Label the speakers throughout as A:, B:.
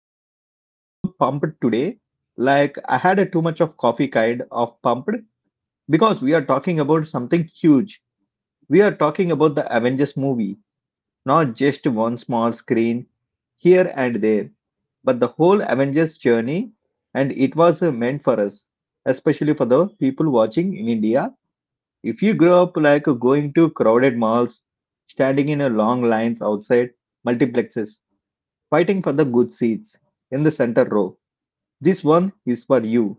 A: honestly so pumped today. Like I had a too much of coffee kind of pumped because we are talking about something huge. We are talking about the Avengers movie not just one small screen here and there, but the whole Avengers journey, and it was meant for us, especially for the people watching in India. If you grow up like going to crowded malls, standing in a long lines outside multiplexes, fighting for the good seats in the center row, this one is for you.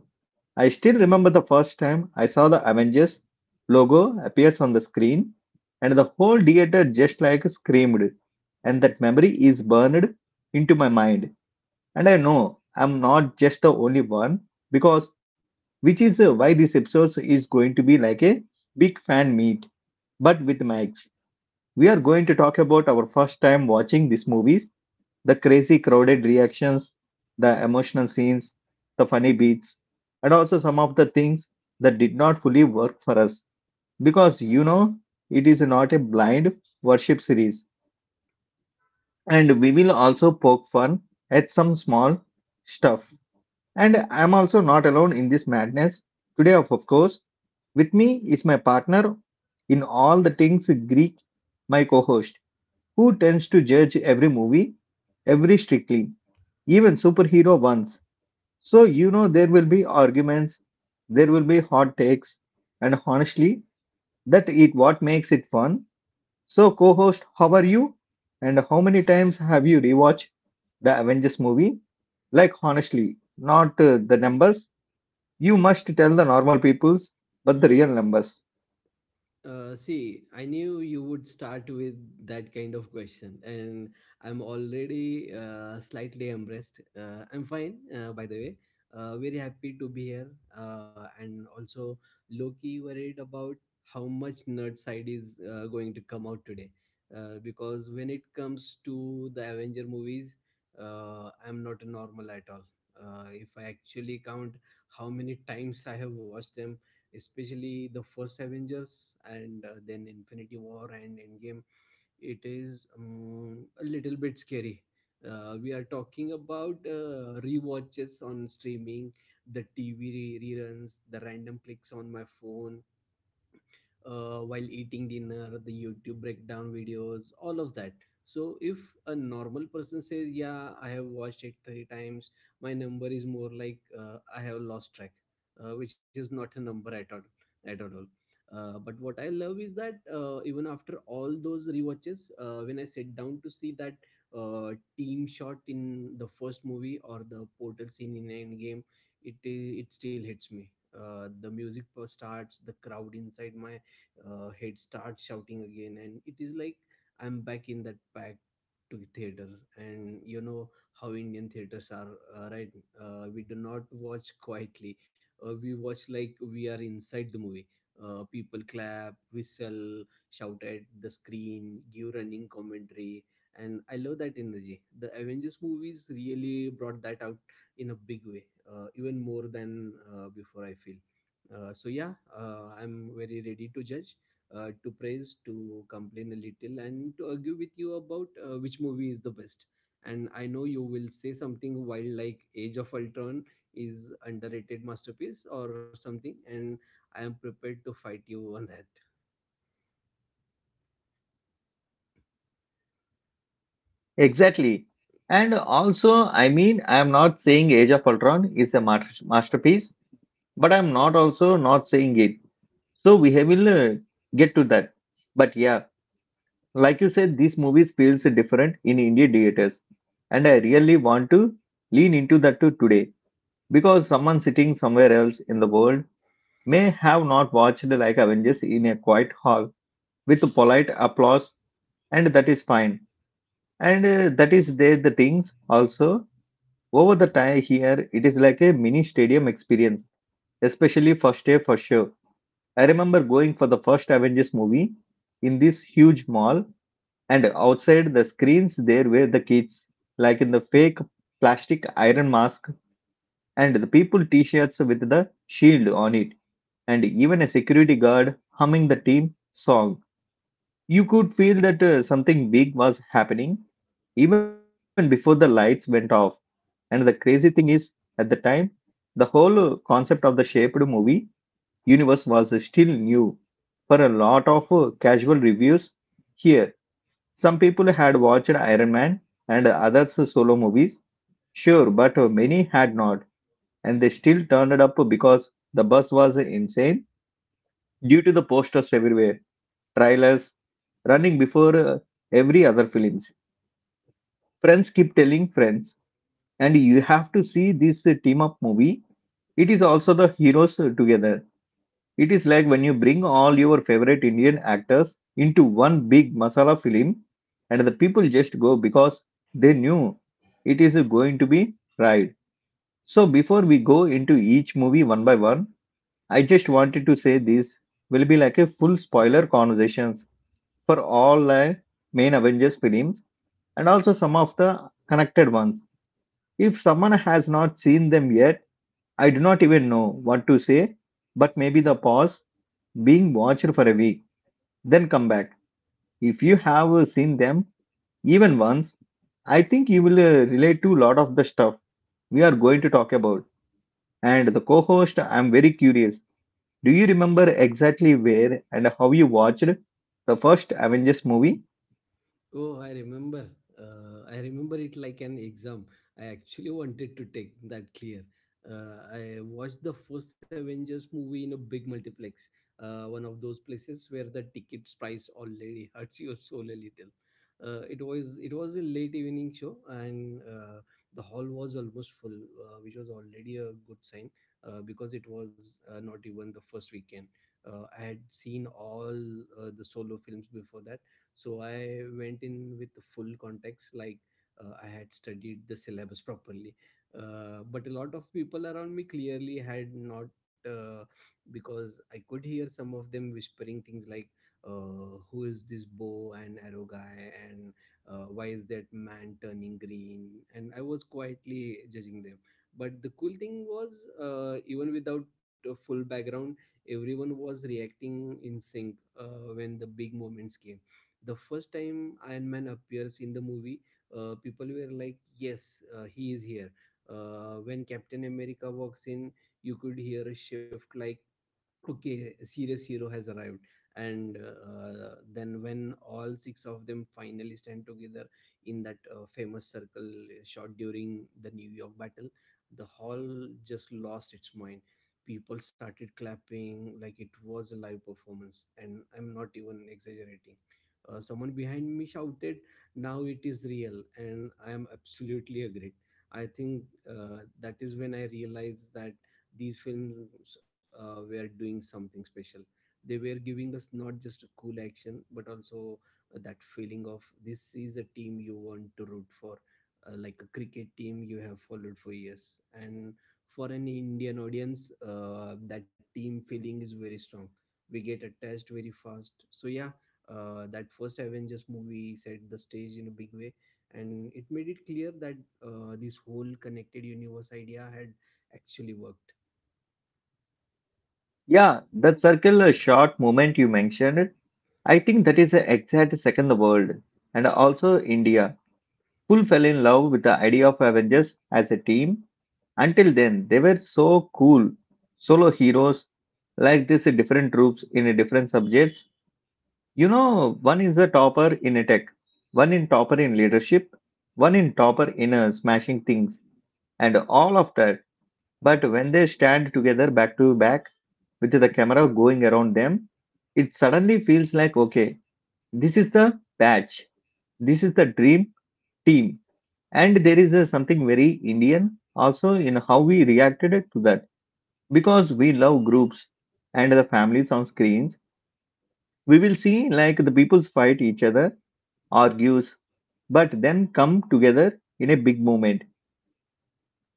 A: I still remember the first time I saw the Avengers logo appears on the screen and the whole theater just like screamed, and that memory is burned into my mind, and I know I'm not just the only one because which is why this episode is going to be like a big fan meet but with Max. We are going to talk about our first time watching these movies, the crazy, crowded reactions, the emotional scenes, the funny beats, and also some of the things that did not fully work for us. Because it is not a blind worship series. And we will also poke fun at some small stuff. And I'm also not alone in this madness. Today, of course, with me is my partner in all the things Greek, my co host, who tends to judge every movie, every strictly, even superhero ones. So, there will be arguments, there will be hot takes, and honestly, that is what makes it fun. So, co host, how are you? And how many times have you rewatched the Avengers movie? Like, honestly, not the numbers. You must tell the normal peoples, but the real numbers.
B: See, I knew you would start with that kind of question, and I'm already slightly embarrassed. I'm fine, by the way. Very happy to be here, and also low-key worried about how much nerd side is going to come out today, because when it comes to the Avenger movies, I'm not normal at all. If I actually count how many times I have watched them, especially the first Avengers and then Infinity War and Endgame, it is a little bit scary. We are talking about rewatches on streaming, the TV reruns, the random clicks on my phone while eating dinner, the YouTube breakdown videos, all of that. So if a normal person says, "Yeah, I have watched it three times," my number is more like I have lost track, which is not a number at all. At all. But what I love is that even after all those rewatches, when I sit down to see that uh, team shot in the first movie or the portal scene in Endgame, it still hits me. The music starts, the crowd inside my head starts shouting again, and it is like I'm back in that pack to theater. And you know how Indian theaters are, right? We do not watch quietly. We watch like we are inside the movie. People clap, whistle, shout at the screen, give running commentary, and I love that energy. The Avengers movies really brought that out in a big way, even more than before, I feel. So yeah, I'm very ready to judge, to praise, to complain a little, and to argue with you about which movie is the best. And I know you will say something while like Age of Ultron is underrated masterpiece or something, and I am prepared to fight you on that.
A: Exactly. And also, I mean, I am not saying Age of Ultron is a masterpiece, but I'm not also not saying it. So, we will get to that. But yeah, like you said, this movie feels different in Indian theaters, and I really want to lean into that too today because someone sitting somewhere else in the world may have not watched like Avengers in a quiet hall with polite applause, and that is fine. And that is there the things also over the time here it is like a mini stadium experience, especially first day for sure. I remember going for the first Avengers movie in this huge mall, and outside the screens there were the kids like in the fake plastic iron mask and the people t-shirts with the shield on it, and even a security guard humming the team song. You could feel that something big was happening even before the lights went off. And the crazy thing is at the time, the whole concept of the shaped movie universe was still new for a lot of casual reviews here. Some people had watched Iron Man and others' solo movies, sure, but many had not, and they still turned up because the buzz was insane due to the posters everywhere, trailers running before every other films. Friends keep telling friends, and you have to see this team up movie. It is also the heroes together. It is like when you bring all your favorite Indian actors into one big masala film and the people just go because they knew it is going to be right. So before we go into each movie one by one, I just wanted to say this will be like a full spoiler conversations for all the main Avengers films and also some of the connected ones. If someone has not seen them yet, I do not even know what to say, but maybe the pause being watched for a week, then come back. If you have seen them even once, I think you will relate to a lot of the stuff we are going to talk about. And the co host, I'm very curious. Do you remember exactly where and how you watched the first Avengers movie?
B: Oh, I remember. I remember it like an exam. I actually wanted to take that clear. I watched the first Avengers movie in a big multiplex, one of those places where the ticket's price already hurts your soul a little. It was a late evening show, and the hall was almost full, which was already a good sign because it was not even the first weekend. I had seen all the solo films before that, so I went in with the full context, like I had studied the syllabus properly. But a lot of people around me clearly had not, uh, because I could hear some of them whispering things like who is this bow and arrow guy, and why is that man turning green. And I was quietly judging them. But the cool thing was, even without a full background, everyone was reacting in sync when the big moments came. The first time Iron Man appears in the movie, people were like, "Yes, he is here." When Captain America walks in, you could hear a shift like okay, a serious hero has arrived. And then when all six of them finally stand together in that famous circle shot during the New York battle, the hall just lost its mind. People started clapping like it was a live performance, and I'm not even exaggerating. Someone behind me shouted, now it is real, and I am absolutely agreed. I think that is when I realized that these films were doing something special. They were giving us not just cool action, but also that feeling of this is a team you want to root for, like a cricket team you have followed for years. And for an Indian audience, that team feeling is very strong. We get attached very fast. So yeah, that first Avengers movie set the stage in a big way, and it made it clear that this whole connected universe idea had actually worked.
A: Yeah, that circle shot moment you mentioned, I think that is the exact second the world. And also India. Full fell in love with the idea of Avengers as a team. Until then, they were so cool, solo heroes, like this different troops in a different subjects. You know, one is a topper in a tech, one in topper in leadership, one in topper in smashing things, and all of that. But when they stand together back to back with the camera going around them, it suddenly feels like okay, this is the batch, this is the dream team, and there is something very Indian also in how we reacted to that. Because we love groups and the families on screens, we will see like the peoples fight each other, argues, but then come together in a big moment.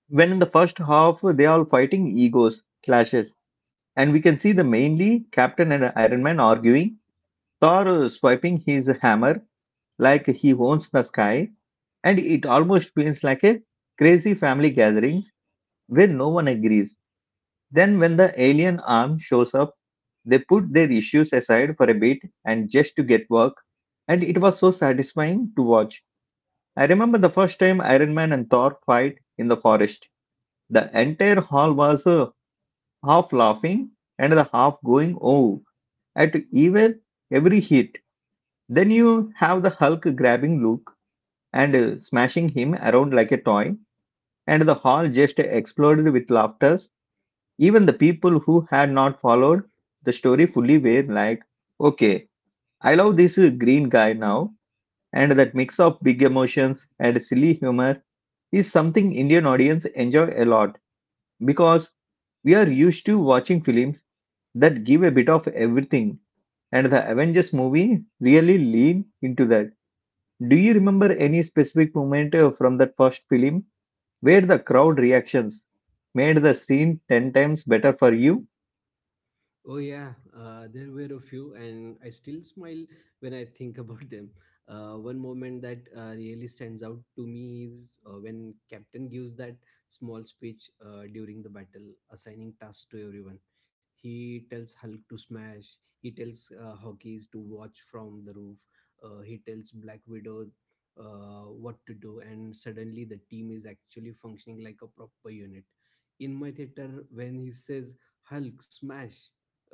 A: When in the first half they are fighting egos, clashes, and we can see the mainly Captain and Iron Man arguing, Thor swiping his hammer like he owns the sky, and it almost feels like a crazy family gatherings where no one agrees. Then, when the alien arm shows up, they put their issues aside for a bit and just to get work, and it was so satisfying to watch. I remember the first time Iron Man and Thor fight in the forest. The entire hall was half laughing and the half going oh at even every hit. Then you have the Hulk grabbing Luke and smashing him around like a toy, and the hall just exploded with laughter. Even the people who had not followed the story fully were like, okay, I love this green guy now. And that mix of big emotions and silly humor is something Indian audience enjoy a lot because we are used to watching films that give a bit of everything, and the Avengers movie really lean into that. Do you remember any specific moment from that first film where the crowd reactions made the scene 10 times better for you?
B: Oh yeah, there were a few, and I still smile when I think about them. One moment that really stands out to me is when Captain gives that small speech during the battle, assigning tasks to everyone. He tells Hulk to smash. He tells Hawkeyes to watch from the roof. He tells Black Widow what to do, and suddenly the team is actually functioning like a proper unit. In my theater, when he says Hulk smash,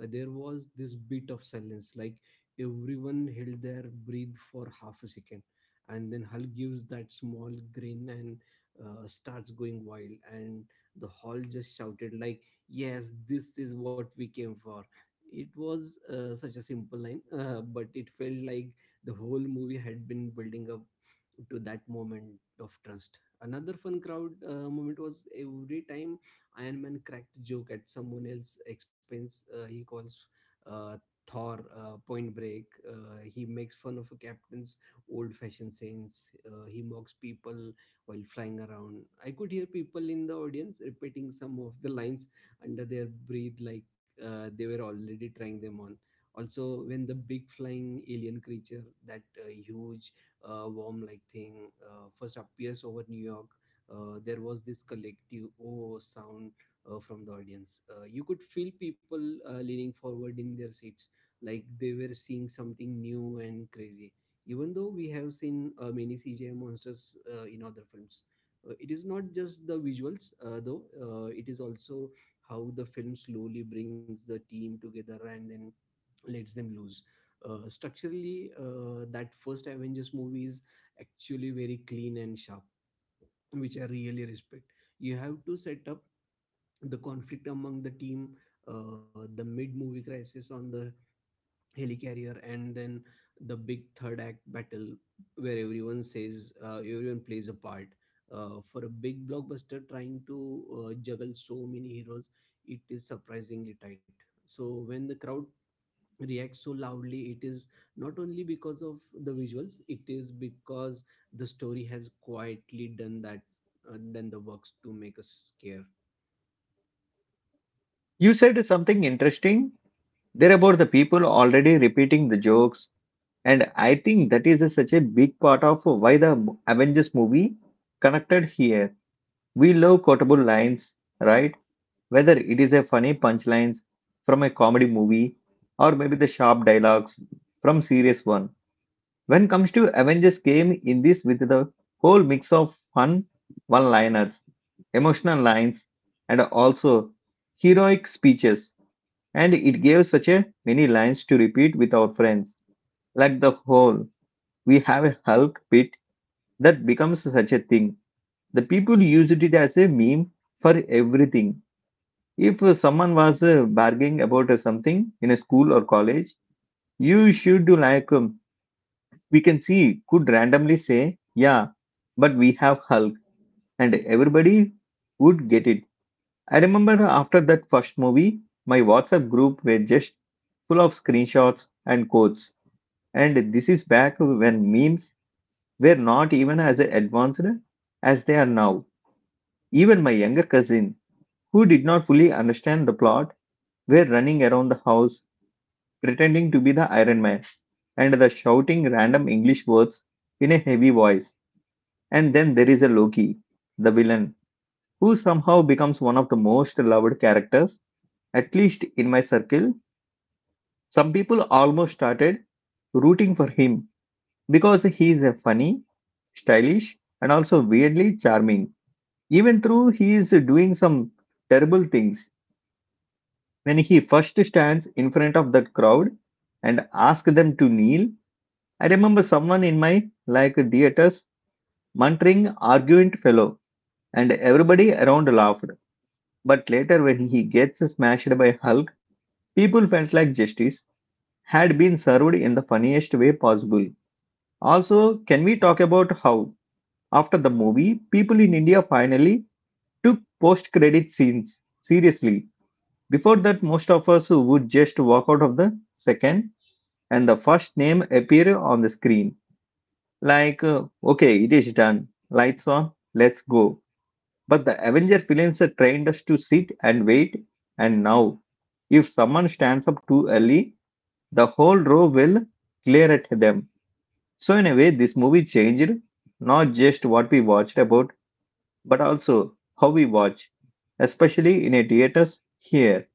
B: there was this bit of silence, like everyone held their breath for half a second, and then Hal gives that small grin and starts going wild, and the hall just shouted like yes, this is what we came for. It was such a simple line, but it felt like the whole movie had been building up to that moment of trust. Another fun crowd moment was every time Iron Man cracked a joke at someone else's expense. He calls uh, Thor Point Break. He makes fun of a captain's old-fashioned sayings. He mocks people while flying around. I could hear people in the audience repeating some of the lines under their breath, like they were already trying them on. Also, when the big flying alien creature, that huge worm-like thing, first appears over New York, there was this collective oh sound from the audience. You could feel people leaning forward in their seats, like they were seeing something new and crazy. Even though we have seen many CGI monsters in other films, it is not just the visuals, though. It is also how the film slowly brings the team together and then lets them lose. Structurally, that first Avengers movie is actually very clean and sharp, which I really respect. You have to set up the conflict among the team, the mid movie crisis on the helicarrier, and then the big third act battle where everyone says everyone plays a part. For a big blockbuster trying to juggle so many heroes, it is surprisingly tight. So when the crowd react so loudly, it is not only because of the visuals, it is because the story has quietly done that done the works to make us care.
A: You said something interesting there about the people already repeating the jokes, and I think that is such a big part of why the Avengers movie connected here. We love quotable lines, right? Whether it is a funny punchlines from a comedy movie or maybe the sharp dialogues from serious one. When comes to Avengers came in this with the whole mix of fun one-liners, emotional lines, and also heroic speeches, and it gave such a many lines to repeat with our friends. Like the whole, we have a Hulk bit that becomes such a thing. The people used it as a meme for everything. If someone was bargaining about something in a school or college, you should do like we can see could randomly say, "Yeah, but we have Hulk," and everybody would get it. I remember after that first movie, my WhatsApp group were just full of screenshots and quotes. And this is back when memes were not even as advanced as they are now. Even my younger cousin, who did not fully understand the plot, were running around the house pretending to be the Iron Man and the shouting random English words in a heavy voice. And then there is a Loki, the villain, who somehow becomes one of the most loved characters, at least in my circle. Some people almost started rooting for him because he is a funny stylish, and also weirdly charming, even though he is doing some terrible things. When he first stands in front of that crowd and asks them to kneel, I remember someone in my like theaters muttering arrogant fellow, and everybody around laughed. But later, when he gets smashed by Hulk, people felt like justice had been served in the funniest way possible. Also, can we talk about how, after the movie, people in India finally took post credit scenes seriously? Before that, most of us would just walk out of the second and the first name appear on the screen. Like, okay, it is done. Lights on, let's go. But the Avenger films trained us to sit and wait. And now, if someone stands up too early, the whole row will clear at them. So, in a way, this movie changed not just what we watched about but also how we watch, especially in a theaters here.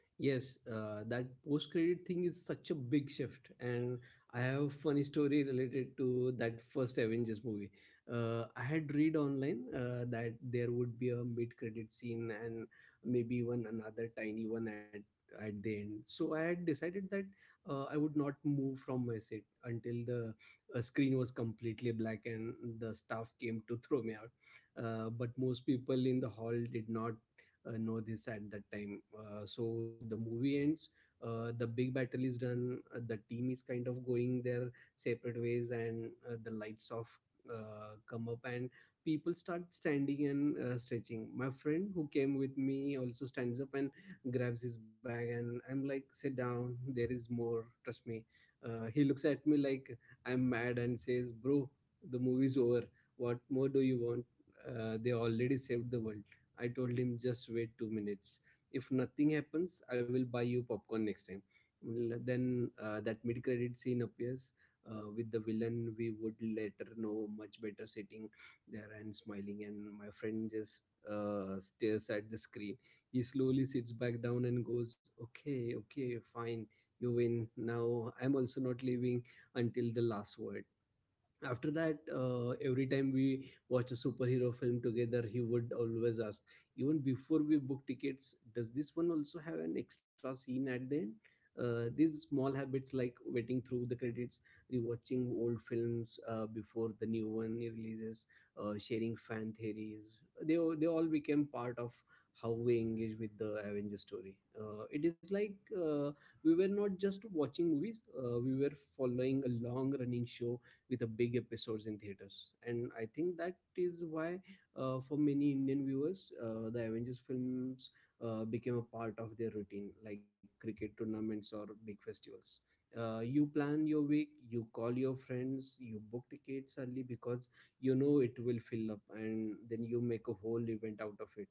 B: Yes, that post-credit thing is such a big shift, and I have a funny story related to that first Avengers movie. I had read online that there would be a mid-credit scene and maybe even another tiny one at the end. So I had decided that I would not move from my seat until the screen was completely black and the staff came to throw me out. But most people in the hall did not know this at that time. So the movie ends. The big battle is done. The team is kind of going their separate ways, and the lights off come up, and people start standing and stretching. My friend who came with me also stands up and grabs his bag, and I'm like, "Sit down. There is more. Trust me." He looks at me like I'm mad and says, "Bro, the movie's over. What more do you want? They already saved the world." I told him, just wait two minutes. If nothing happens, I will buy you popcorn next time. Well, then that mid credit scene appears with the villain we would later know much better, sitting there and smiling. And my friend just stares at the screen. He slowly sits back down and goes, "Okay, okay, fine, you win." Now I'm also not leaving until the last word. After that, every time we watch a superhero film together, he would always ask, even before we book tickets, does this one also have an extra scene at the end? These small habits, like waiting through the credits, rewatching old films before the new one releases, sharing fan theories, they all became part of how we engage with the Avengers story. It is like, uh, we were not just watching movies, we were following a long running show with a big episodes in theaters. And I think that is why, for many Indian viewers, the Avengers films became a part of their routine, like cricket tournaments or big festivals. You plan your week, you call your friends, you book tickets early because you know it will fill up, and then you make a whole event out of it.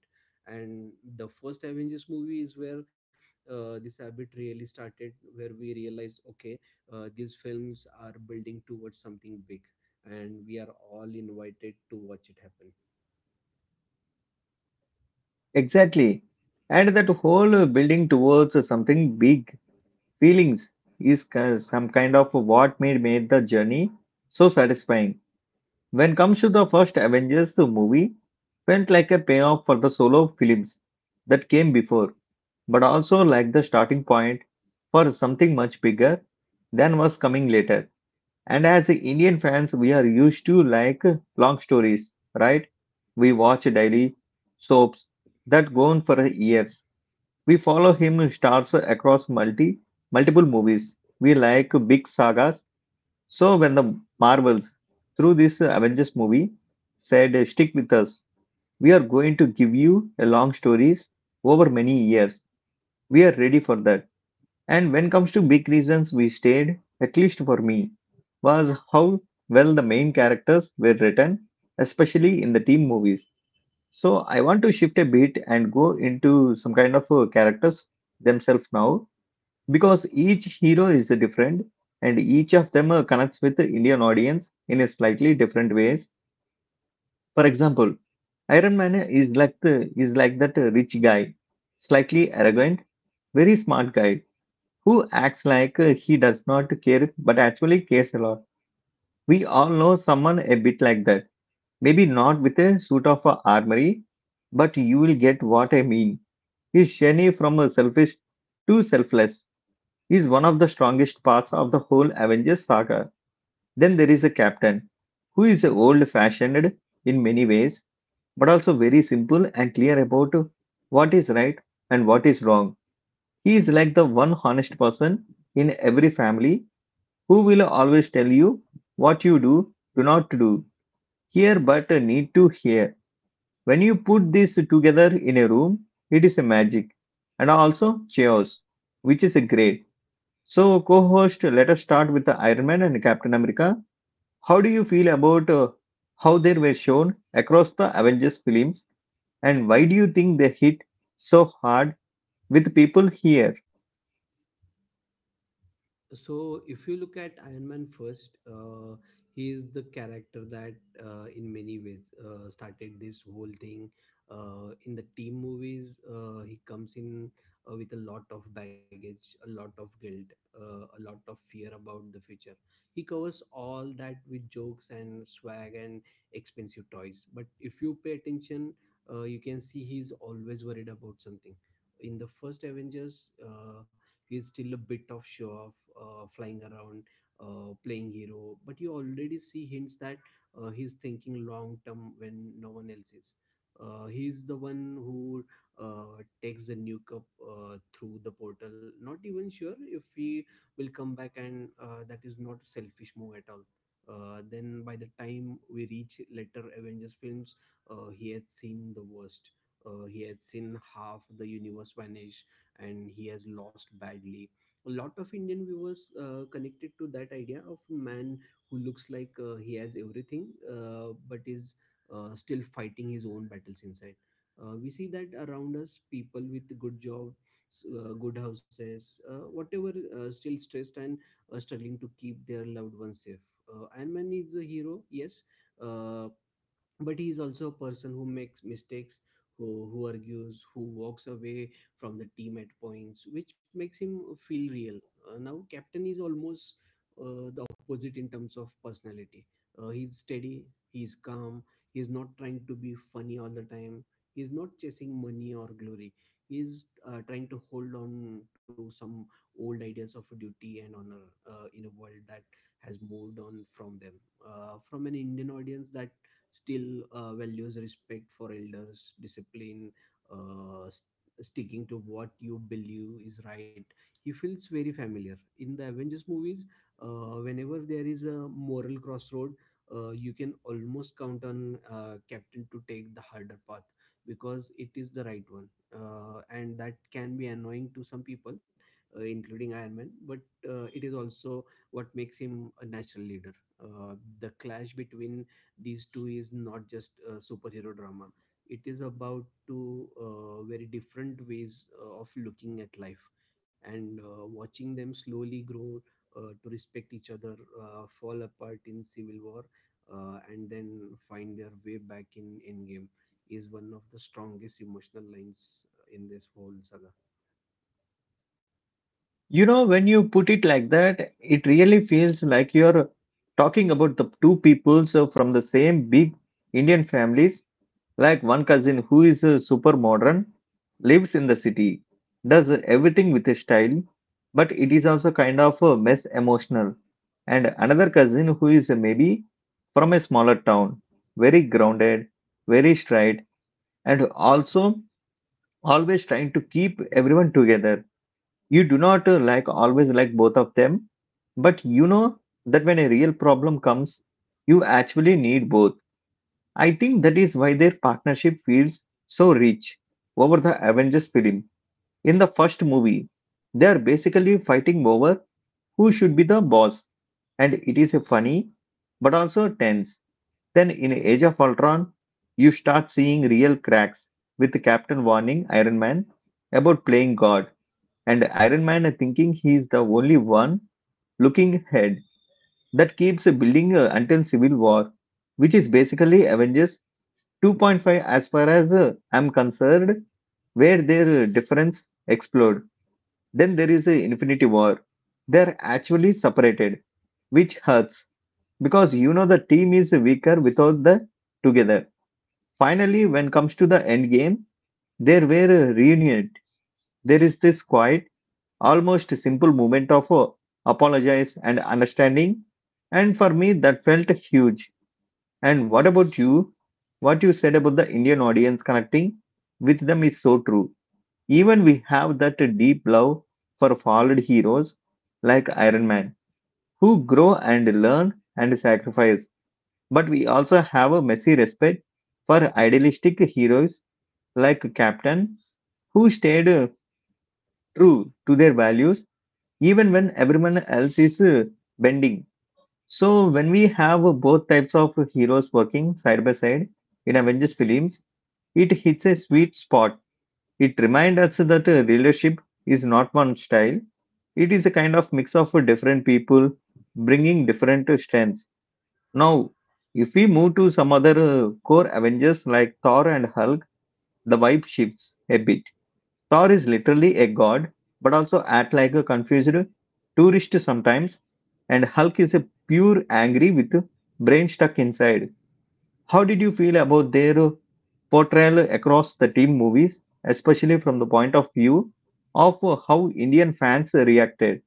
B: And the first Avengers movie is where this habit really started, where we realized, okay, these films are building towards something big, and we are all invited to watch it happen.
A: Exactly. And that whole building towards something big, feelings is some kind of what made the journey so satisfying. When comes to the first Avengers movie, felt like a payoff for the solo films that came before, but also like the starting point for something much bigger than was coming later. And as Indian fans, we are used to like long stories, right? We watch daily soaps that go on for years. We follow him stars across multiple movies. We like big sagas. So when the Marvels through this Avengers movie said stick with us, we are going to give you a long stories over many years. We are ready for that. And when comes to big reasons we stayed, at least for me, was how well the main characters were written, especially in the team movies. So I want to shift a bit and go into some kind of characters themselves now, because each hero is different and each of them connects with the Indian audience in a slightly different ways. For example, Iron Man is like the, is like that rich guy, slightly arrogant, very smart guy who acts like he does not care but actually cares a lot. We all know someone a bit like that. Maybe not with a suit of armory, but you will get what I mean. His journey from selfish to selfless is one of the strongest parts of the whole Avengers saga. Then there is a captain who is old fashioned in many ways, but also very simple and clear about what is right and what is wrong. He is like the one honest person in every family who will always tell you what you do, do not do, hear but need to hear? When you put this together in a room, it is a magic and also chaos, which is a great. So, co host, let us start with the Iron Man and Captain America. How do you feel about how they were shown across the Avengers films and why do you think they hit so hard with people here?
B: So if you look at Iron Man first, he is the character that in many ways started this whole thing. In the team movies, he comes in with a lot of baggage, a lot of guilt, a lot of fear about the future. He covers all that with jokes and swag and expensive toys, but if you pay attention, you can see he's always worried about something. In the first Avengers, he's still a bit of show off, flying around, playing hero, but you already see hints that he's thinking long term when no one else is. He's the one who takes the new cup through the portal, not even sure if he will come back, and that is not a selfish move at all. Then by the time we reach later Avengers films, he had seen the worst, he had seen half the universe vanish, and he has lost badly. A lot of Indian viewers connected to that idea of a man who looks like he has everything but is still fighting his own battles inside. We see that around us, people with good jobs, good houses, whatever, still stressed and struggling to keep their loved ones safe. Iron Man is a hero, yes, uh, but he is also a person who makes mistakes, who argues, who walks away from the team at points, which makes him feel real. Now Captain is almost the opposite in terms of personality. He's steady, he's calm, he's not trying to be funny all the time, he's not chasing money or glory. He's trying to hold on to some old ideas of duty and honor in a world that has moved on from them. From an Indian audience that still values respect for elders, discipline, uh, s- sticking to what you believe is right. He feels very familiar. In the Avengers movies, whenever there is a moral crossroad, you can almost count on Captain to take the harder path because it is the right one. And that can be annoying to some people, including Iron Man, but it is also what makes him a natural leader. The clash between these two is not just a superhero drama, it is about two very different ways of looking at life. And watching them slowly grow to respect each other, fall apart in Civil War, and then find their way back in Endgame is one of the strongest emotional lines in this whole saga.
A: You know, when you put it like that, it really feels like you're talking about the two peoples so from the same big Indian families, like one cousin who is a super modern, lives in the city, does everything with a style, but it is also kind of a mess emotional. And another cousin who is maybe from a smaller town, very grounded, very straight, and also always trying to keep everyone together. You do not like always like both of them, but you know that when a real problem comes, you actually need both. I think that is why their partnership feels so rich over the Avengers film. In the first movie, they are basically fighting over who should be the boss, and it is a funny but also tense. Then in Age of Ultron, you start seeing real cracks, with captain warning Iron Man about playing god and Iron Man thinking he is the only one looking ahead. That keeps building until Civil War, which is basically Avengers 2.5 as far as I'm concerned, where their difference explode. Then there is Infinity War. They're actually separated, which hurts because you know the team is weaker without the together. Finally, when comes to the end game, there were reunited. There is this quiet almost simple moment of apologize and understanding, and for me that felt huge. And what about you? What you said about the Indian audience connecting with them is so true. Even we have that deep love for fallen heroes like Iron Man, who grow and learn and sacrifice, but we also have a messy respect for idealistic heroes like captain, who stayed true to their values even when everyone else is bending. So when we have both types of heroes working side by side in Avengers films, it hits a sweet spot. It reminds us that leadership is not one style. It is a kind of mix of different people bringing different strengths. Now, if we move to some other core Avengers like Thor and Hulk, the vibe shifts a bit. Thor is literally a god, but also act like a confused tourist sometimes, and Hulk is a pure angry with brain stuck inside. How did you feel about their portrayal across the team movies, especially from the point of view of how Indian fans reacted?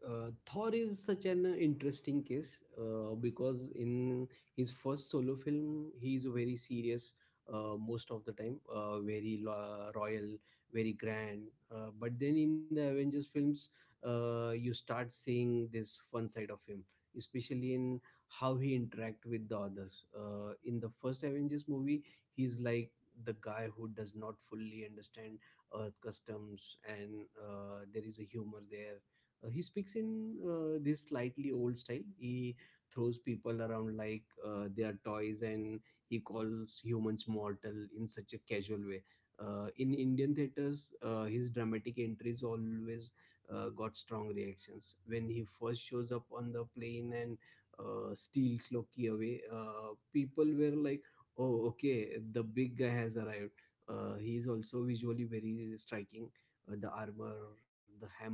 B: Thor is such an interesting case because in his first solo film, he is very serious most of the time, royal, very grand. But then in the Avengers films, you start seeing this fun side of him, especially in how he interact with the others. In the first Avengers movie, he's like the guy who does not fully understand Earth customs, and there is a humor there. He speaks in this slightly old style. He throws people around like they are toys, and he calls humans mortal in such a casual way. In Indian theaters, his dramatic entries always got strong reactions. When he first shows up on the plane and steals Loki away, people were like, "Oh, okay, the big guy has arrived." He is also visually very striking. The armor, the hammer,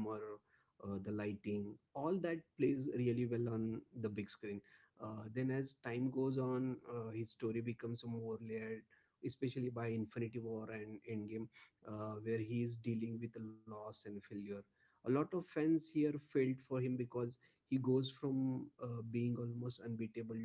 B: the lighting, all that plays really well on the big screen. Then, as time goes on, his story becomes more layered, especially by Infinity War and Endgame, where he is dealing with loss and failure. A lot of fans here failed for him because he goes from being almost unbeatable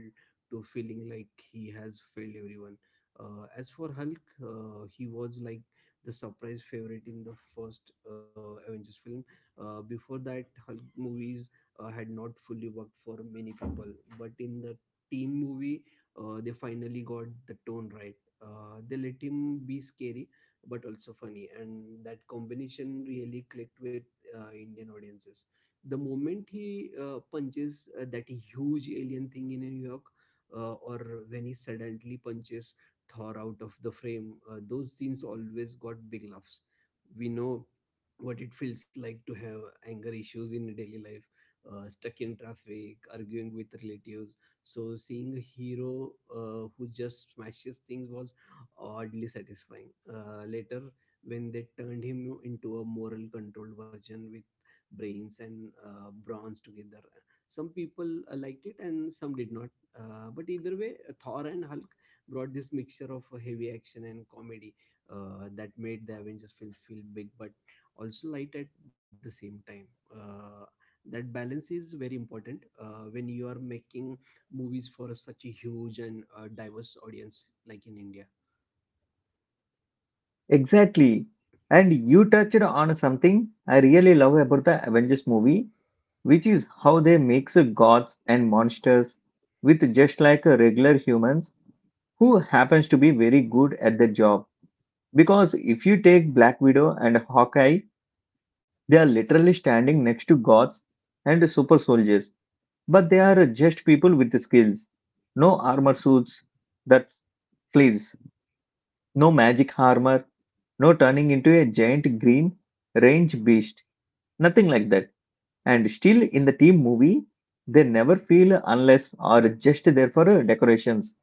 B: to feeling like he has failed everyone. As for Hulk, he was like the surprise favorite in the first Avengers film. Before that, Hulk movies had not fully worked for many people, but in the team movie, they finally got the tone right. They let him be scary but also funny, and that combination really clicked with Indian audiences. The moment he punches that huge alien thing in New York, or when he suddenly punches Thor out of the frame. Those scenes always got big laughs. We know what it feels like to have anger issues in daily life, stuck in traffic, arguing with relatives. So seeing a hero who just smashes things was oddly satisfying. Later, when they turned him into a moral controlled version with brains and bronze together, some people liked it and some did not. But either way, Thor and Hulk brought this mixture of heavy action and comedy that made the Avengers films feel big but also light at the same time. Uh, that balance is very important when you are making movies for such a huge and diverse audience like in India.
A: Exactly. And you touched on something I really love about the Avengers movie, which is how they mix gods and monsters with just like regular humans who happens to be very good at their job. Because if you take Black Widow and Hawkeye, they are literally standing next to gods and super soldiers, but they are just people with skills. No armor suits that flees, no magic armor, no turning into a giant green range beast, nothing like that. And still in the team movie, they never feel unless or just there for decorations.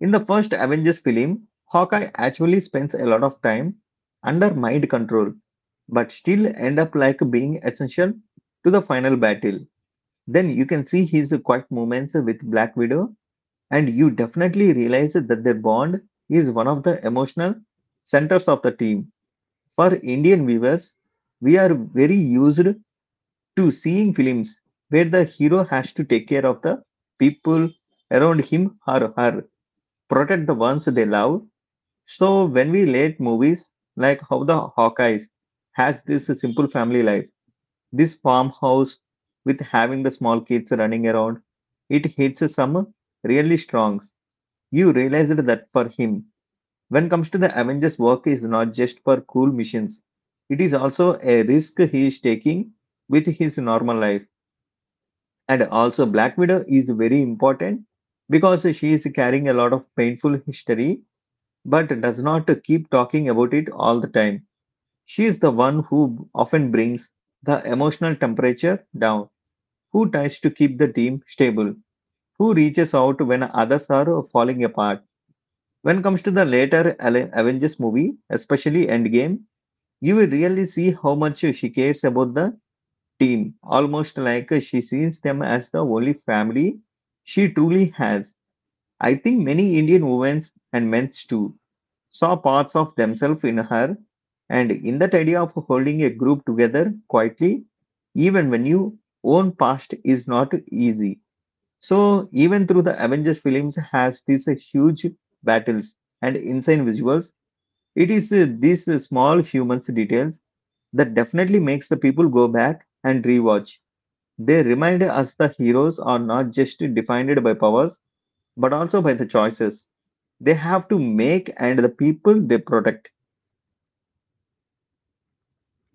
A: In the first Avengers film, Hawkeye actually spends a lot of time under mind control, but still end up like being essential to the final battle. Then you can see his quiet moments with Black Widow, and you definitely realize that their bond is one of the emotional centers of the team. For Indian viewers, we are very used to seeing films where the hero has to take care of the people around him or her, protect the ones they love, so when we relate movies like how the Hawkeyes has this simple family life, this farmhouse with having the small kids running around, it hits some really strong. You realized that for him. When comes to the Avengers work is not just for cool missions. It is also a risk he is taking with his normal life. And also Black Widow is very important because she is carrying a lot of painful history but does not keep talking about it all the time. She is the one who often brings the emotional temperature down, who tries to keep the team stable, who reaches out when others are falling apart. When it comes to the later Avengers movie, especially Endgame, you will really see how much she cares about the team, almost like she sees them as the only family she truly has. I think many Indian women and men too saw parts of themselves in her, and in that idea of holding a group together quietly, even when your own past is not easy. So, even through the Avengers films has these huge battles and insane visuals, it is these small humans details that definitely makes the people go back and rewatch. They remind us the heroes are not just defined by powers, but also by the choices they have to make and the people they protect.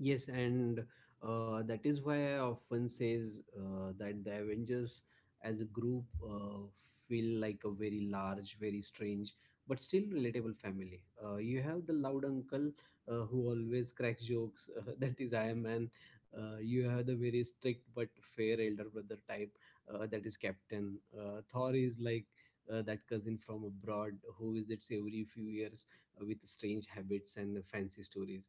B: Yes, and that is why I often says that the Avengers as a group feel like a very large, very strange, but still relatable family. You have the loud uncle who always cracks jokes, that is Iron Man. You have the very strict but fair elder brother type, that is Captain. Thor is like that cousin from abroad who visits every few years with strange habits and fancy stories.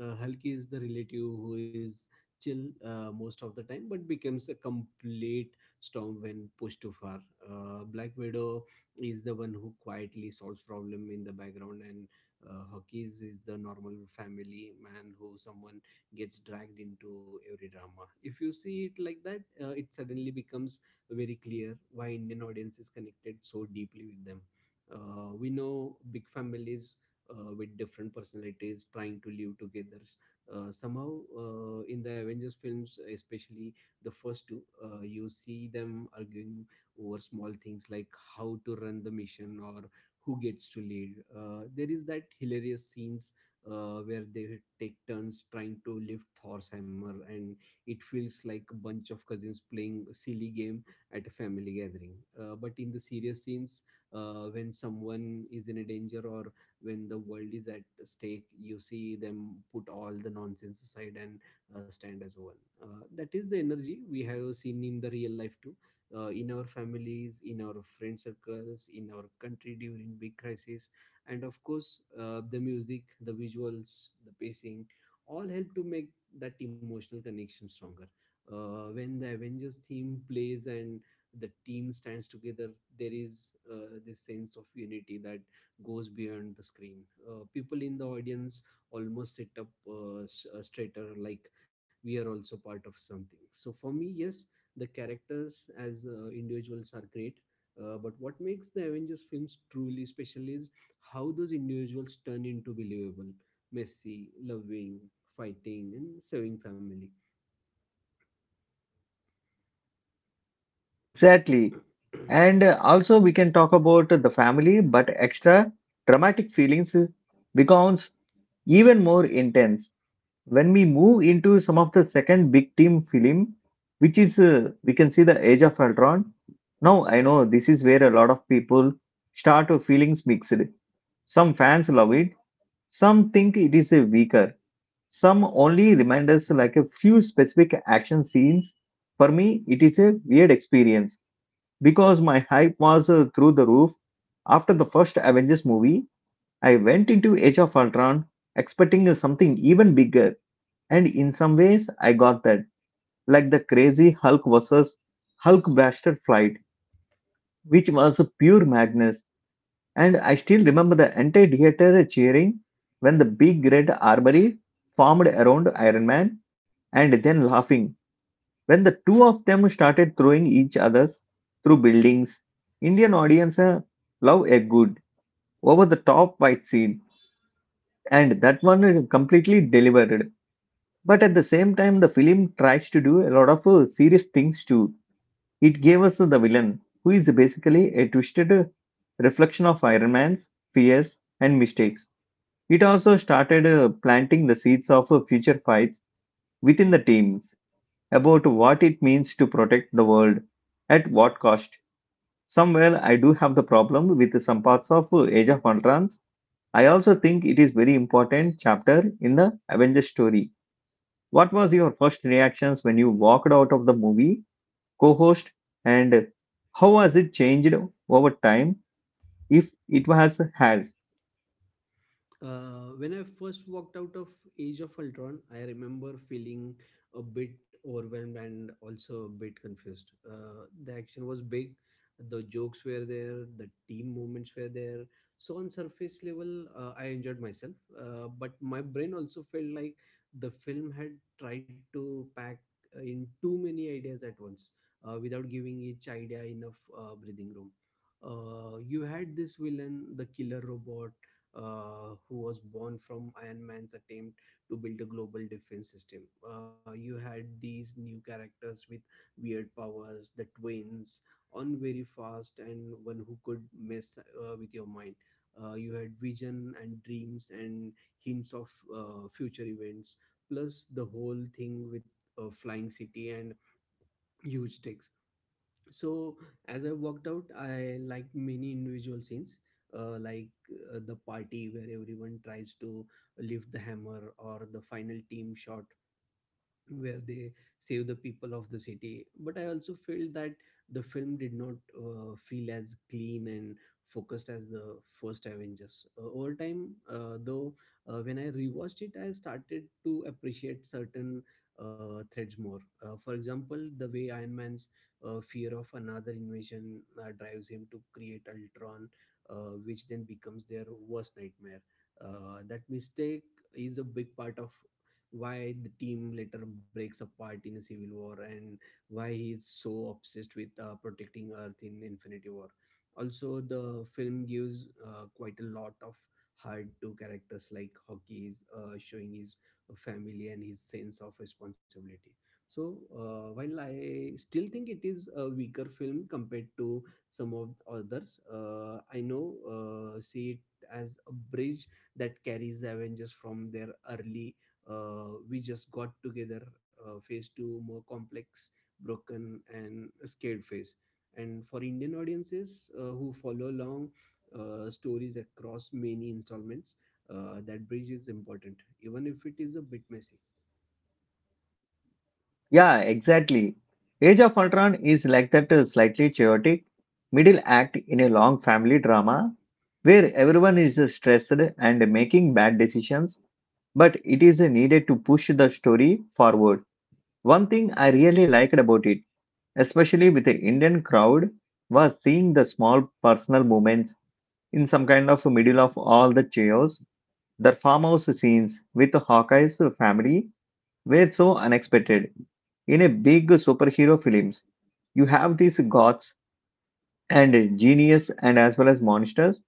B: Hulky is the relative who is chill most of the time, but becomes a complete storm when pushed too far. Black Widow is the one who quietly solves problem in the background, and Hawkeyes is the normal family man who someone gets dragged into every drama. If you see it like that, it suddenly becomes very clear why Indian audience is connected so deeply with them. We know big families with different personalities trying to live together. Somehow, in the Avengers films, especially the first two, you see them arguing over small things like how to run the mission or who gets to lead. There is that hilarious scenes where they take turns trying to lift Thor's hammer, and it feels like a bunch of cousins playing a silly game at a family gathering. But in the serious scenes, when someone is in a danger or when the world is at stake, you see them put all the nonsense aside and stand as one. That is the energy we have seen in the real life too, in our families, in our friend circles, in our country during big crisis. And of course, the music, the visuals, the pacing all help to make that emotional connection stronger. When the Avengers theme plays and the team stands together, there is this sense of unity that goes beyond the screen. People in the audience almost sit up straighter, like we are also part of something. So for me, yes, the characters as individuals are great. But what makes the Avengers films truly special is how those individuals turn into believable, messy, loving, fighting, and serving family.
A: Exactly. And also, we can talk about the family, but extra dramatic feelings becomes even more intense when we move into some of the second big team film, which is we can see the Age of Ultron. Now, I know this is where a lot of people start to feelings mixed. Some fans love it, some think it is a weaker, some only remind us like a few specific action scenes. For me, it is a weird experience because my hype was through the roof. After the first Avengers movie, I went into Age of Ultron expecting something even bigger, and in some ways, I got that, like the crazy Hulk versus Hulk blaster fight, which was pure madness. And I still remember the entire theater cheering when the big red armory formed around Iron Man, and then laughing when the two of them started throwing each others through buildings. Indian audience love a good over the top fight scene, and that one is completely delivered. But at the same time, the film tries to do a lot of serious things too. It gave us the villain, who is basically a twisted reflection of Iron Man's fears and mistakes. It also started planting the seeds of future fights within the teams about what it means to protect the world at what cost. Somewhere I do have the problem with some parts of Age of Ultron's. I also think it is very important chapter in the Avengers story. What was your first reactions when you walked out of the movie, co-host, and how has it changed over time if it was has?
B: When I first walked out of Age of Ultron, I remember feeling a bit overwhelmed and also a bit confused. The action was big, the jokes were there, the team movements were there. So on surface level, I enjoyed myself, but my brain also felt like the film had tried to pack in too many ideas at once, without giving each idea enough breathing room. You had this villain, the killer robot who was born from Iron Man's attempt to build a global defense system. You had these new characters with weird powers, the twins, on very fast, and one who could mess with your mind. You had vision and dreams and hints of future events, plus the whole thing with a flying city and huge tech. So as I walked out, I liked many individual scenes, like the party where everyone tries to lift the hammer, or the final team shot where they save the people of the city. But I also felt that the film did not feel as clean and focused as the first Avengers. Uh, over time, though, when I rewatched it, I started to appreciate certain threads more. For example, the way Iron Man's fear of another invasion drives him to create Ultron, which then becomes their worst nightmare. That mistake is a big part of why the team later breaks apart in Civil War, and why he is so obsessed with protecting Earth in Infinity War. Also, the film gives quite a lot of heart to characters like Hockey, showing his family and his sense of responsibility. So while I still think it is a weaker film compared to some of the others, I know see it as a bridge that carries the Avengers from their early we just got together phase two more complex, broken and scared phase. And for Indian audiences, who follow along stories across many installments, that bridge is important, even if it is a bit messy.
A: Yeah, exactly. Age of Ultron is like that slightly chaotic middle act in a long family drama where everyone is stressed and making bad decisions, but it is needed to push the story forward. One thing I really liked about it, especially with the Indian crowd, was seeing the small personal moments in some kind of middle of all the chaos. The farmhouse scenes with Hawkeye's family were so unexpected. In a big superhero films, you have these gods and genius and as well as monsters,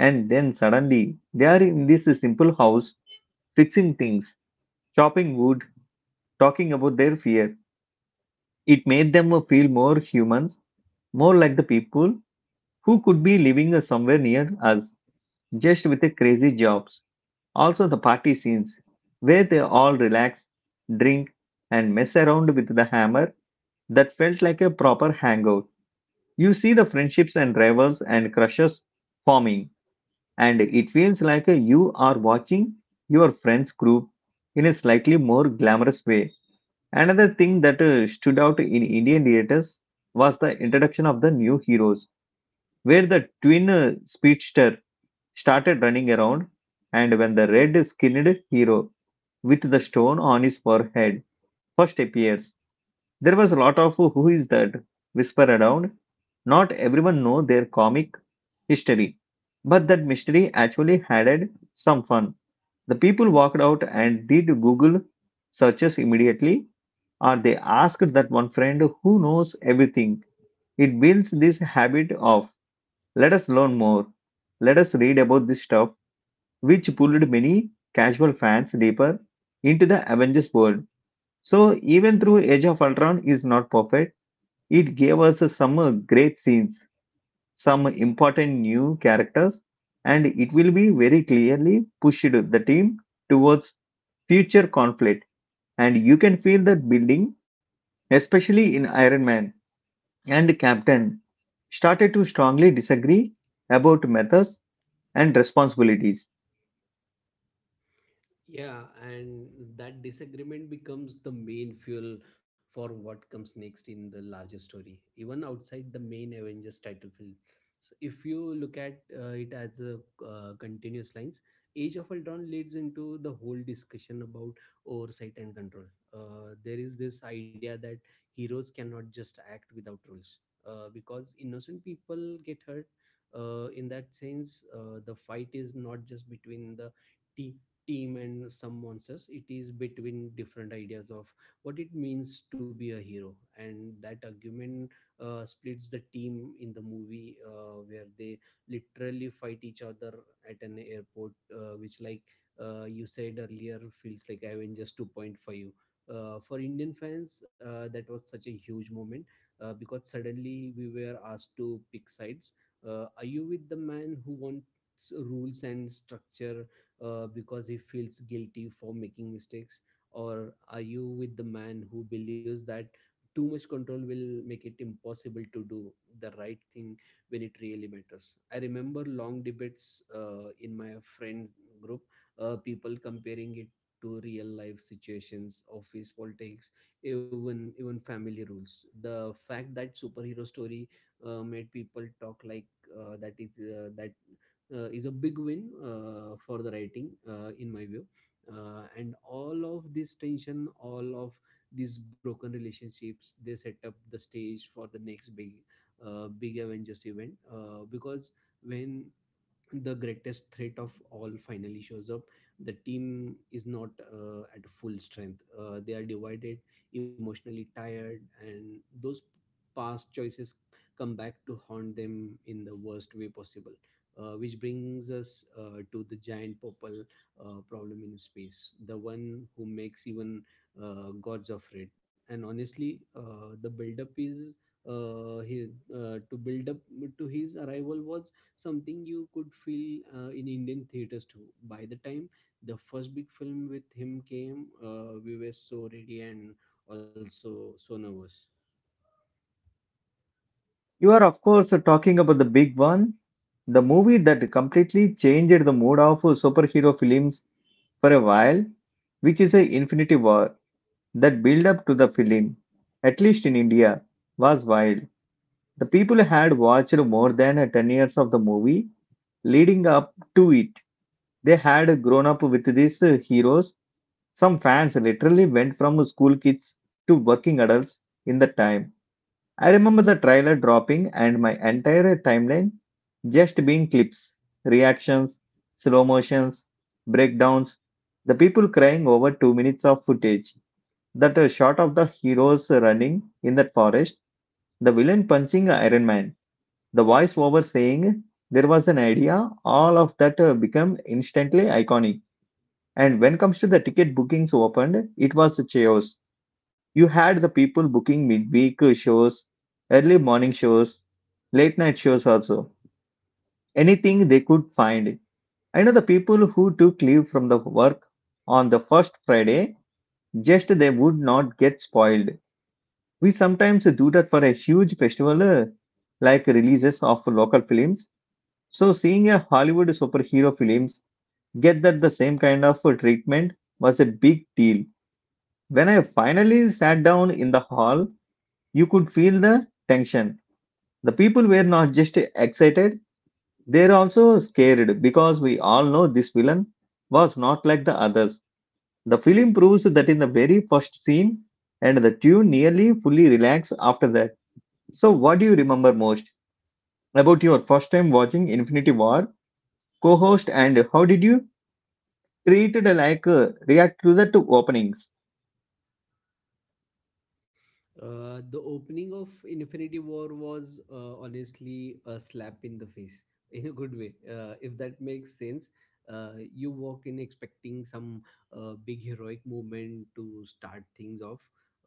A: and then suddenly they are in this simple house fixing things, chopping wood talking about their fear. It made them feel more humans, more like the people who could be living somewhere near us, just with the crazy jobs. Also, the party scenes where they all relax, drink, and mess around with the hammer that felt like a proper hangout. You see the friendships and rivals and crushes forming, and it feels like you are watching your friend's group in a slightly more glamorous way. Another thing that stood out in Indian theaters was the introduction of the new heroes, where the twin speedster started running around, and when the red skinned hero with the stone on his forehead first appears, there was a lot of who is that whisper around. Not everyone know their comic history, but that mystery actually added some fun. The people walked out and did Google searches immediately or they ask that one friend who knows everything. It builds this habit of let us learn more, let us read about this stuff, which pulled many casual fans deeper into the Avengers world. So, even through Age of Ultron is not perfect, it gave us some great scenes, some important new characters, and it will be very clearly pushed the team towards future conflict. And you can feel that building, especially in Iron Man and captain started to strongly disagree about methods and responsibilities.
B: Yeah, and that disagreement becomes the main fuel for what comes next in the larger story, even outside the main Avengers title film. So if you look at it as a continuous lines, Age of Ultron leads into the whole discussion about oversight and control. There is this idea that heroes cannot just act without rules, because innocent people get hurt. In that sense, the fight is not just between the team team and some monsters. It is between different ideas of what it means to be a hero. And that argument splits the team in the movie, where they literally fight each other at an airport, which, like, you said earlier, feels like Avengers 2.5. For Indian fans, that was such a huge moment, because suddenly we were asked to pick sides. Are you with the man who wants rules and structure, because he feels guilty for making mistakes? Or are you with the man who believes that too much control will make it impossible to do the right thing when it really matters? I remember long debates in my friend group, people comparing it to real life situations, office politics, even family rules. The fact that superhero story made people talk like that is a big win for the writing, in my view. And all of this tension, all of these broken relationships, they set up the stage for the next big Avengers event, because when the greatest threat of all finally shows up, the team is not at full strength. They are divided, emotionally tired, and those past choices come back to haunt them in the worst way possible, which brings us to the giant purple problem in space, the one who makes even gods afraid. And honestly, the build up is his, to build up to his arrival was something you could feel in Indian theaters too. By the time the first big film with him came, we were so ready and also so nervous.
A: You are, of course, talking about the big one, the movie that completely changed the mood of superhero films for a while, which is a Infinity War that build up to the film, at least in India, was wild. The people had watched more than 10 years of the movie Leading up to it, they had grown up with these heroes. Some fans literally went from school kids to working adults in the time. I remember the trailer dropping and my entire timeline just being clips, reactions, slow motions, breakdowns, the people crying over two minutes of footage, that shot of the heroes running in that forest, the villain punching Iron Man, the voiceover saying there was an idea, all of that become instantly iconic. And when comes to the ticket bookings opened, it was a chaos. You had the people booking midweek shows, early morning shows, late night shows also. Anything they could find. I know the people who took leave from the work on the first Friday, just they would not get spoiled. We sometimes do that for a huge festival like releases of local films. So seeing a Hollywood superhero films get that the same kind of treatment was a big deal. When I finally sat down in the hall, you could feel the tension. The people were not just excited, they are also scared because we all know this villain was not like the others. The film proves that in the very first scene and the two nearly fully relax after that. So what do you remember most about your first time watching Infinity War co-host and how did you treated like reacted to the openings?
B: The opening of Infinity War was honestly a slap in the face in a good way. If that makes sense, you walk in expecting some big heroic movement to start things off,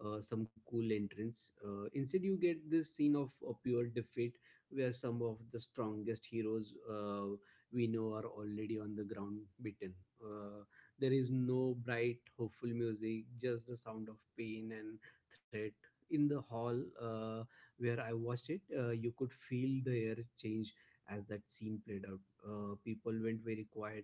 B: some cool entrance. Instead, you get this scene of a pure defeat where some of the strongest heroes we know are already on the ground beaten. Uh, there is no bright, hopeful music, just the sound of pain and threat in the hall, where I watched it. You could feel the air change as that scene played out. People went very quiet,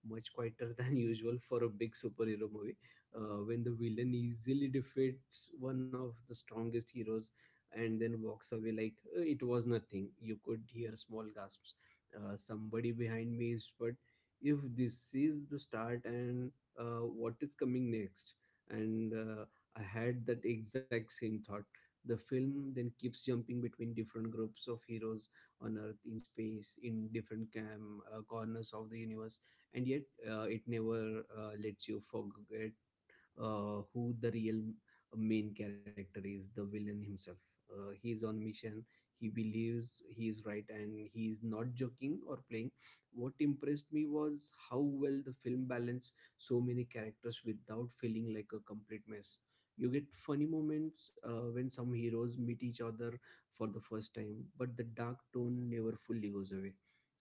B: much quieter than usual for a big superhero movie. When the villain easily defeats one of the strongest heroes and then walks away like it was nothing, you could hear small gasps. Somebody behind me is, but if this is the start, and what is coming next? And I had that exact same thought. The film then keeps jumping between different groups of heroes on Earth, in space, in different corners of the universe, and yet it never lets you forget who the real main character is: the villain himself. He is on a mission, he believes he is right, and he is not joking or playing. What impressed me was how well the film balanced so many characters without feeling like a complete mess. You get funny moments when some heroes meet each other for the first time, but the dark tone never fully goes away.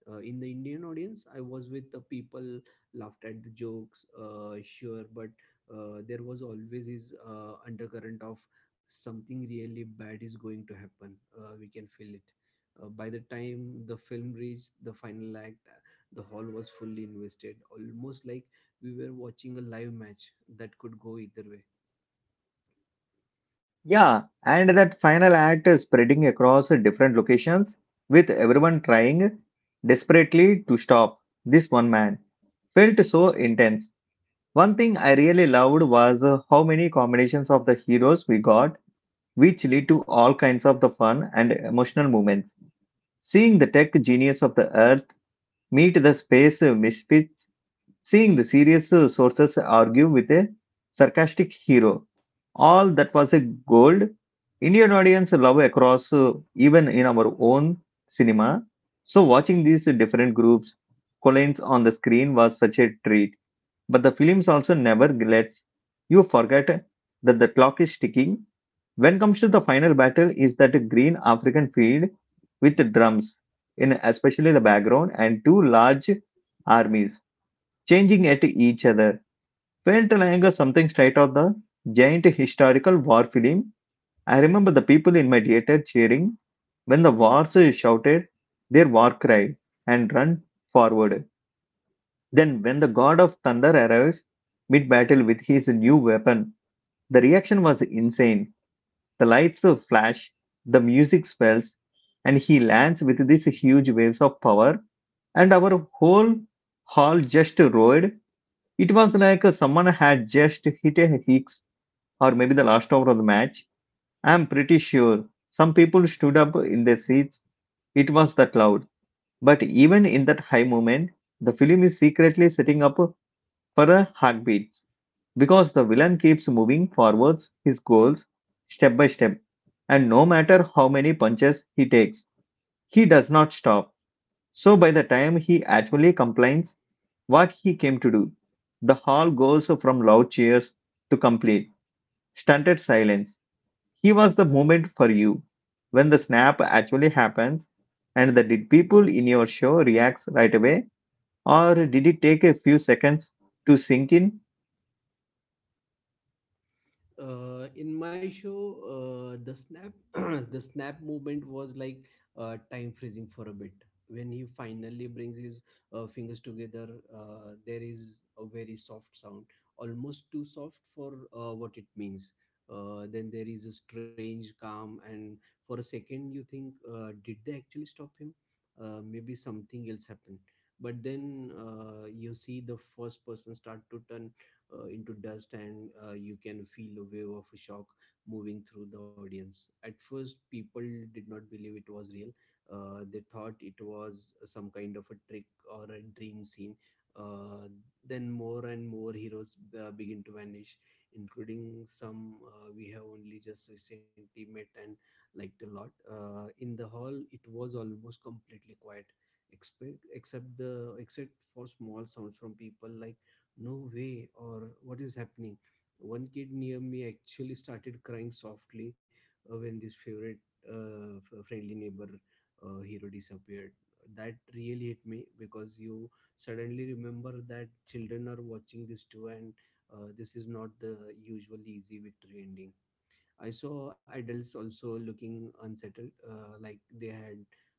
B: In the Indian audience I was with, the people laughed at the jokes, sure, but there was always this undercurrent of something really bad is going to happen. We can feel it. By the time the film reached the final act, the hall was fully invested, almost like we were watching a live match that could go either way.
A: Yeah, and that final act is spreading across different locations with everyone trying desperately to stop this one man. Felt so intense. One thing I really loved was how many combinations of the heroes we got, which lead to all kinds of the fun and emotional moments. Seeing the tech genius of the earth meet the space misfits. Seeing the serious sources argue with a sarcastic hero, all that was a gold. Indian audience love across, even in our own cinema. So watching these different groups collides on the screen was such a treat. But the films also never lets you forget that the clock is ticking. When comes to the final battle, is that green African field with drums in especially the background and two large armies changing at each other, felt like something straight out the giant historical war film. I remember the people in my theater cheering when the wars shouted their war cry and run forward. Then, when the god of thunder arrives mid battle with his new weapon, the reaction was insane. The lights flash, the music swells, and he lands with these huge waves of power, and our whole hall just roared. It was like someone had just hit a hicks or maybe the last hour of the match. I'm pretty sure some people stood up in their seats. It was that loud. But even in that high moment, the film is secretly setting up for a heartbeats because the villain keeps moving forwards his goals step by step. And no matter how many punches he takes, he does not stop. So by the time he actually complains, what he came to do. The hall goes from loud cheers to complete, stunted silence. He was the moment for you. When the snap actually happens, and the did people in your show reacts right away, or did it take a few seconds to sink in?
B: In my show, the snap the snap movement was like time freezing for a bit when he finally brings his fingers together. There is a very soft sound, almost too soft for what it means. Then there is a strange calm, and for a second you think, did they actually stop him? Maybe something else happened? But then you see the first person start to turn into dust, and you can feel a wave of shock moving through the audience. At first, people did not believe it was real. They thought it was some kind of a trick or a dream scene. Uh, then more and more heroes begin to vanish, including some we have only just recently met and liked a lot. In the hall, it was almost completely quiet, except for small sounds from people like, no way, or what is happening. One kid near me actually started crying softly when this favorite friendly neighbor hero disappeared. That really hit me, because you suddenly remember that children are watching this too, and this is not the usual easy victory ending. I saw adults also looking unsettled, like they had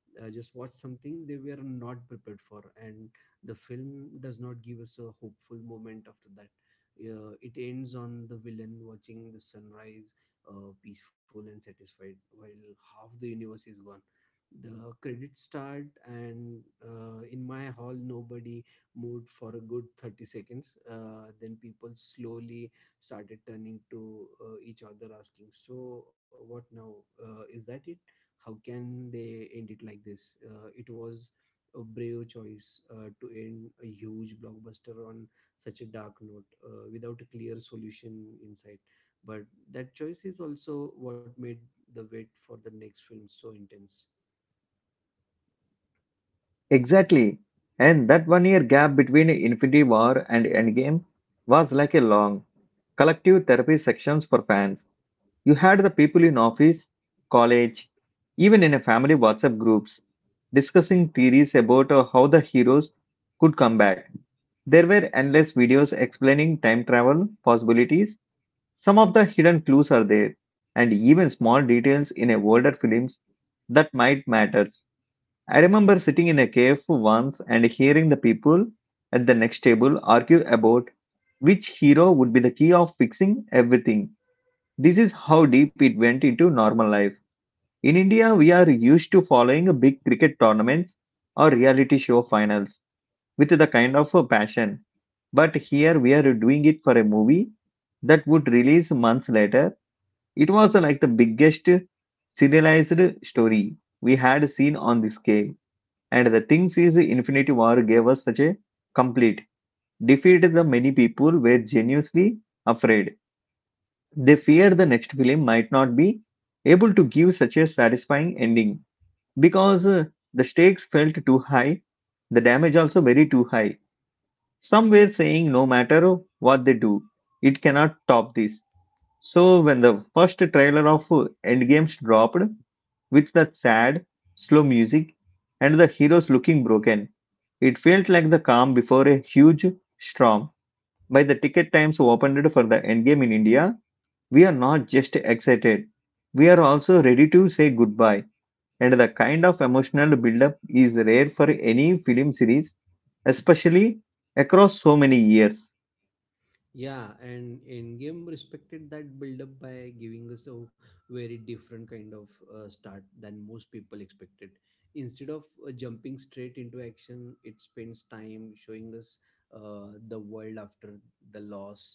B: just watched something they were not prepared for, and the film does not give us a hopeful moment after that. It ends on the villain watching the sunrise, peaceful and satisfied, while half the universe is gone. The credits start, and in my hall, nobody moved for a good 30 seconds. Then people slowly started turning to each other asking, so what now? Is that it? How can they end it like this? It was a brave choice to end a huge blockbuster on such a dark note, without a clear solution in sight. But that choice is also what made the wait for the next film so intense.
A: Exactly. And that one year gap between Infinity War and Endgame was like a long collective therapy sessions for fans. You had the people in office, college, even in a family WhatsApp groups discussing theories about how the heroes could come back. There were endless videos explaining time travel possibilities. Some of the hidden clues are there, and even small details in a older films that might matters. I remember sitting in a cave once and hearing the people at the next table argue about which hero would be the key of fixing everything. This is how deep it went into normal life. In India, we are used to following big cricket tournaments or reality show finals with the kind of a passion. But here we are doing it for a movie that would release months later. It was like the biggest serialized story we had seen on the scale. And the things is Infinity War gave us such a complete defeat that many people were genuinely afraid they fear the next film might not be able to give such a satisfying ending because the stakes felt too high, the damage also very too high. Some were saying no matter what they do, it cannot top this. So when the first trailer of Endgames dropped with that sad, slow music and the heroes looking broken, it felt like the calm before a huge storm. By the ticket times opened for the Endgame in India, we are not just excited, we are also ready to say goodbye. And the kind of emotional buildup is rare for any film series, especially across so many years.
B: Yeah, and in game respected that build up by giving us a very different kind of start than most people expected. Instead of jumping straight into action, it spends time showing us the world after the loss.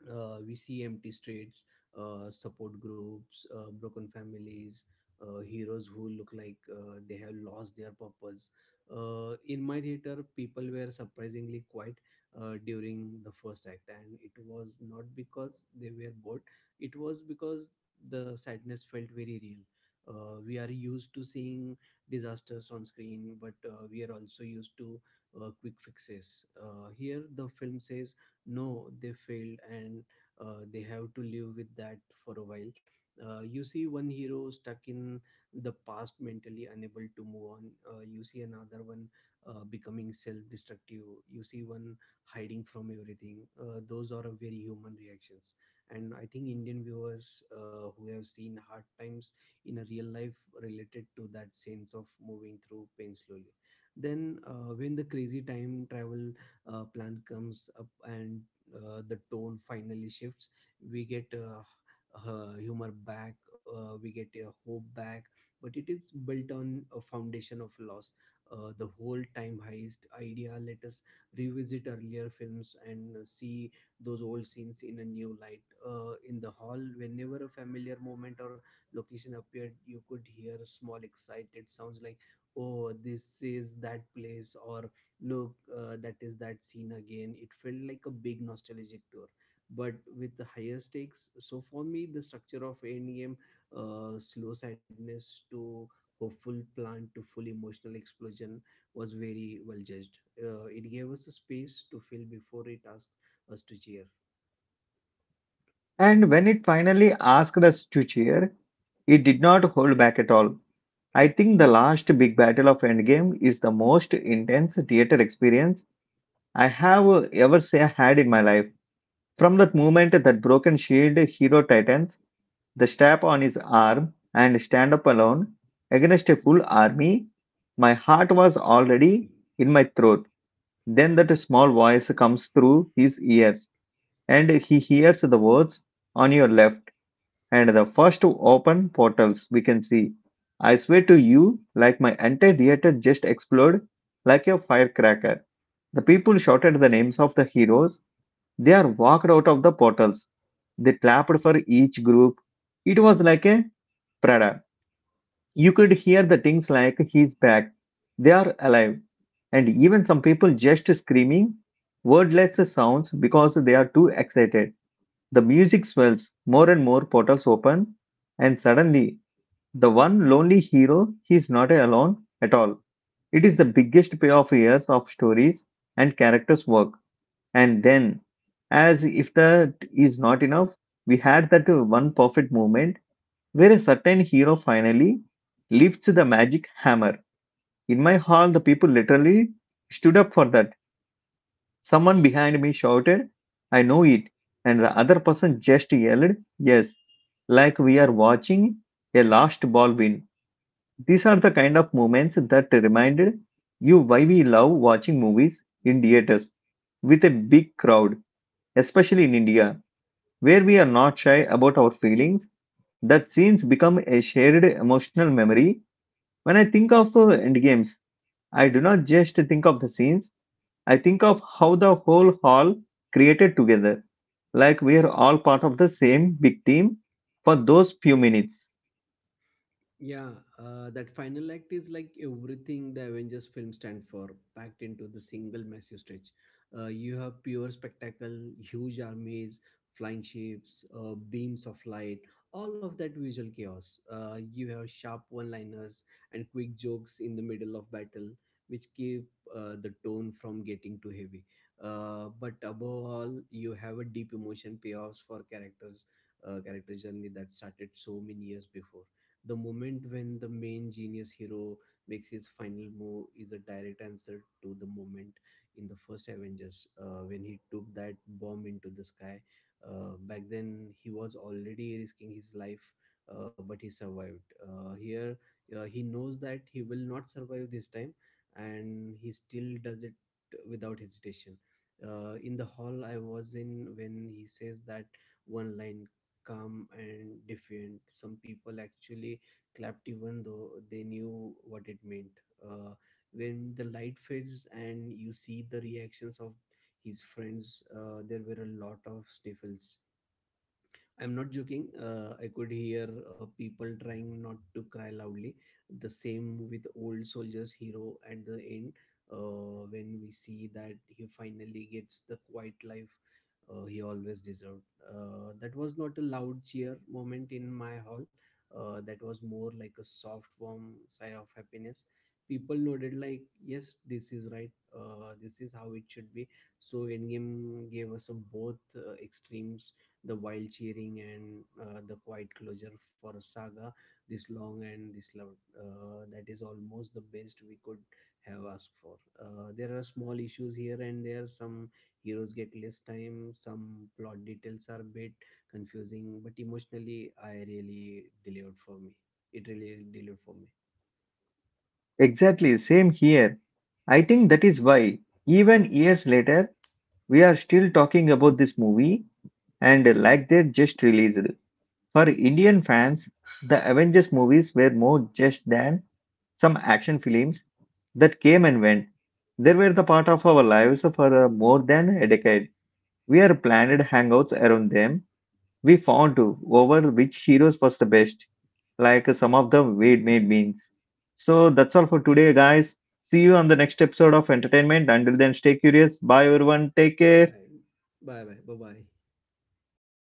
B: We see empty streets, support groups, broken families, heroes who look like they have lost their purpose. In my theater, people were surprisingly quiet during the first act, and it was not because they were bored, it was because the sadness felt very real. We are used to seeing disasters on screen, but we are also used to quick fixes. Here, the film says no, they failed, and they have to live with that for a while. You see one hero stuck in the past, mentally unable to move on. You see another one becoming self-destructive. You see one hiding from everything. Those are a very human reactions, and I think Indian viewers who have seen hard times in a real life related to that sense of moving through pain slowly. Then when the crazy time travel plan comes up and the tone finally shifts, we get humor back, we get hope back, but it is built on a foundation of loss. The whole time heist idea let us revisit earlier films and see those old scenes in a new light. In the hall, whenever a familiar moment or location appeared, you could hear small excited sounds like, oh, this is that place, or look, that is that scene again. It felt like a big nostalgic tour, but with the higher stakes. So for me, the structure of Endgame, slow sadness to hopeful plan to full emotional explosion, was very well judged. It gave us a space to feel before it asked us to cheer.
A: And when it finally asked us to cheer, it did not hold back at all. I think the last big battle of Endgame is the most intense theater experience I have ever say I had in my life. From that moment that broken shield hero titans the strap on his arm, and stand up alone against a full army. My heart was already in my throat. Then that small voice comes through his ears, and he hears the words on your left and the first open portals we can see. I swear to you, like my entire theater just exploded like a firecracker. The people shouted the names of the heroes. They are walked out of the portals. They clapped for each group. It was like a parade. You could hear the things like he's back, they are alive, and even some people just screaming wordless sounds because they are too excited. The music swells, more and more portals open, and suddenly the one lonely hero he is not alone at all. It is the biggest payoff years of stories and characters' work. And then, as if that is not enough, we had that one perfect moment where a certain hero finally lifts the magic hammer in my hall, the people literally stood up for that. Someone behind me shouted, I know it. And the other person just yelled, yes, like we are watching a last ball win. These are the kind of moments that reminded you why we love watching movies in theaters with a big crowd, especially in India, where we are not shy about our feelings. That scenes become a shared emotional memory. When I think of endgames, I do not just think of the scenes. I think of how the whole hall created together, like we're all part of the same big team for those few minutes.
B: Yeah, that final act is like everything the Avengers film stand for, packed into the single massive stretch. You have pure spectacle, huge armies, flying ships, beams of light, all of that visual chaos. You have sharp one-liners and quick jokes in the middle of battle, which keep the tone from getting too heavy. But above all, you have a deep emotion payoffs for characters, character journey that started so many years before. The moment when the main genius hero makes his final move is a direct answer to the moment in the first Avengers, when he took that bomb into the sky. Back then he was already risking his life, but he survived. Here, he knows that he will not survive this time, and he still does it without hesitation. In the hall I was in, when he says that one line, calm and defiant, some people actually clapped, even though they knew what it meant. When the light fades and you see the reactions of his friends, there were a lot of sniffles. I'm not joking. I could hear people trying not to cry loudly. The same with old soldiers hero at the end, when we see that he finally gets the quiet life he always deserved. That was not a loud cheer moment in my hall. That was more like a soft, warm sigh of happiness. People nodded like, "Yes, this is right. This is how it should be." So Endgame gave us a both extremes, the wild cheering and the quiet closure for a saga this long and this loud. That is almost the best we could have asked for. There are small issues here and there. Some heroes get less time, some plot details are a bit confusing, but emotionally, I really delivered for me. It really delivered for me.
A: Exactly, same here. I think that is why, even years later, we are still talking about this movie and like they just released. For Indian fans, the Avengers movies were more just than some action films that came and went. They were the part of our lives for more than a decade. We are planned hangouts around them. We fondue over which heroes was the best, like some of the we-made means. So that's all for today, guys. See you on the next episode of Entertainment. Until then, stay curious. Bye, everyone. Take
B: Bye.
A: care.
B: Bye bye. Bye bye.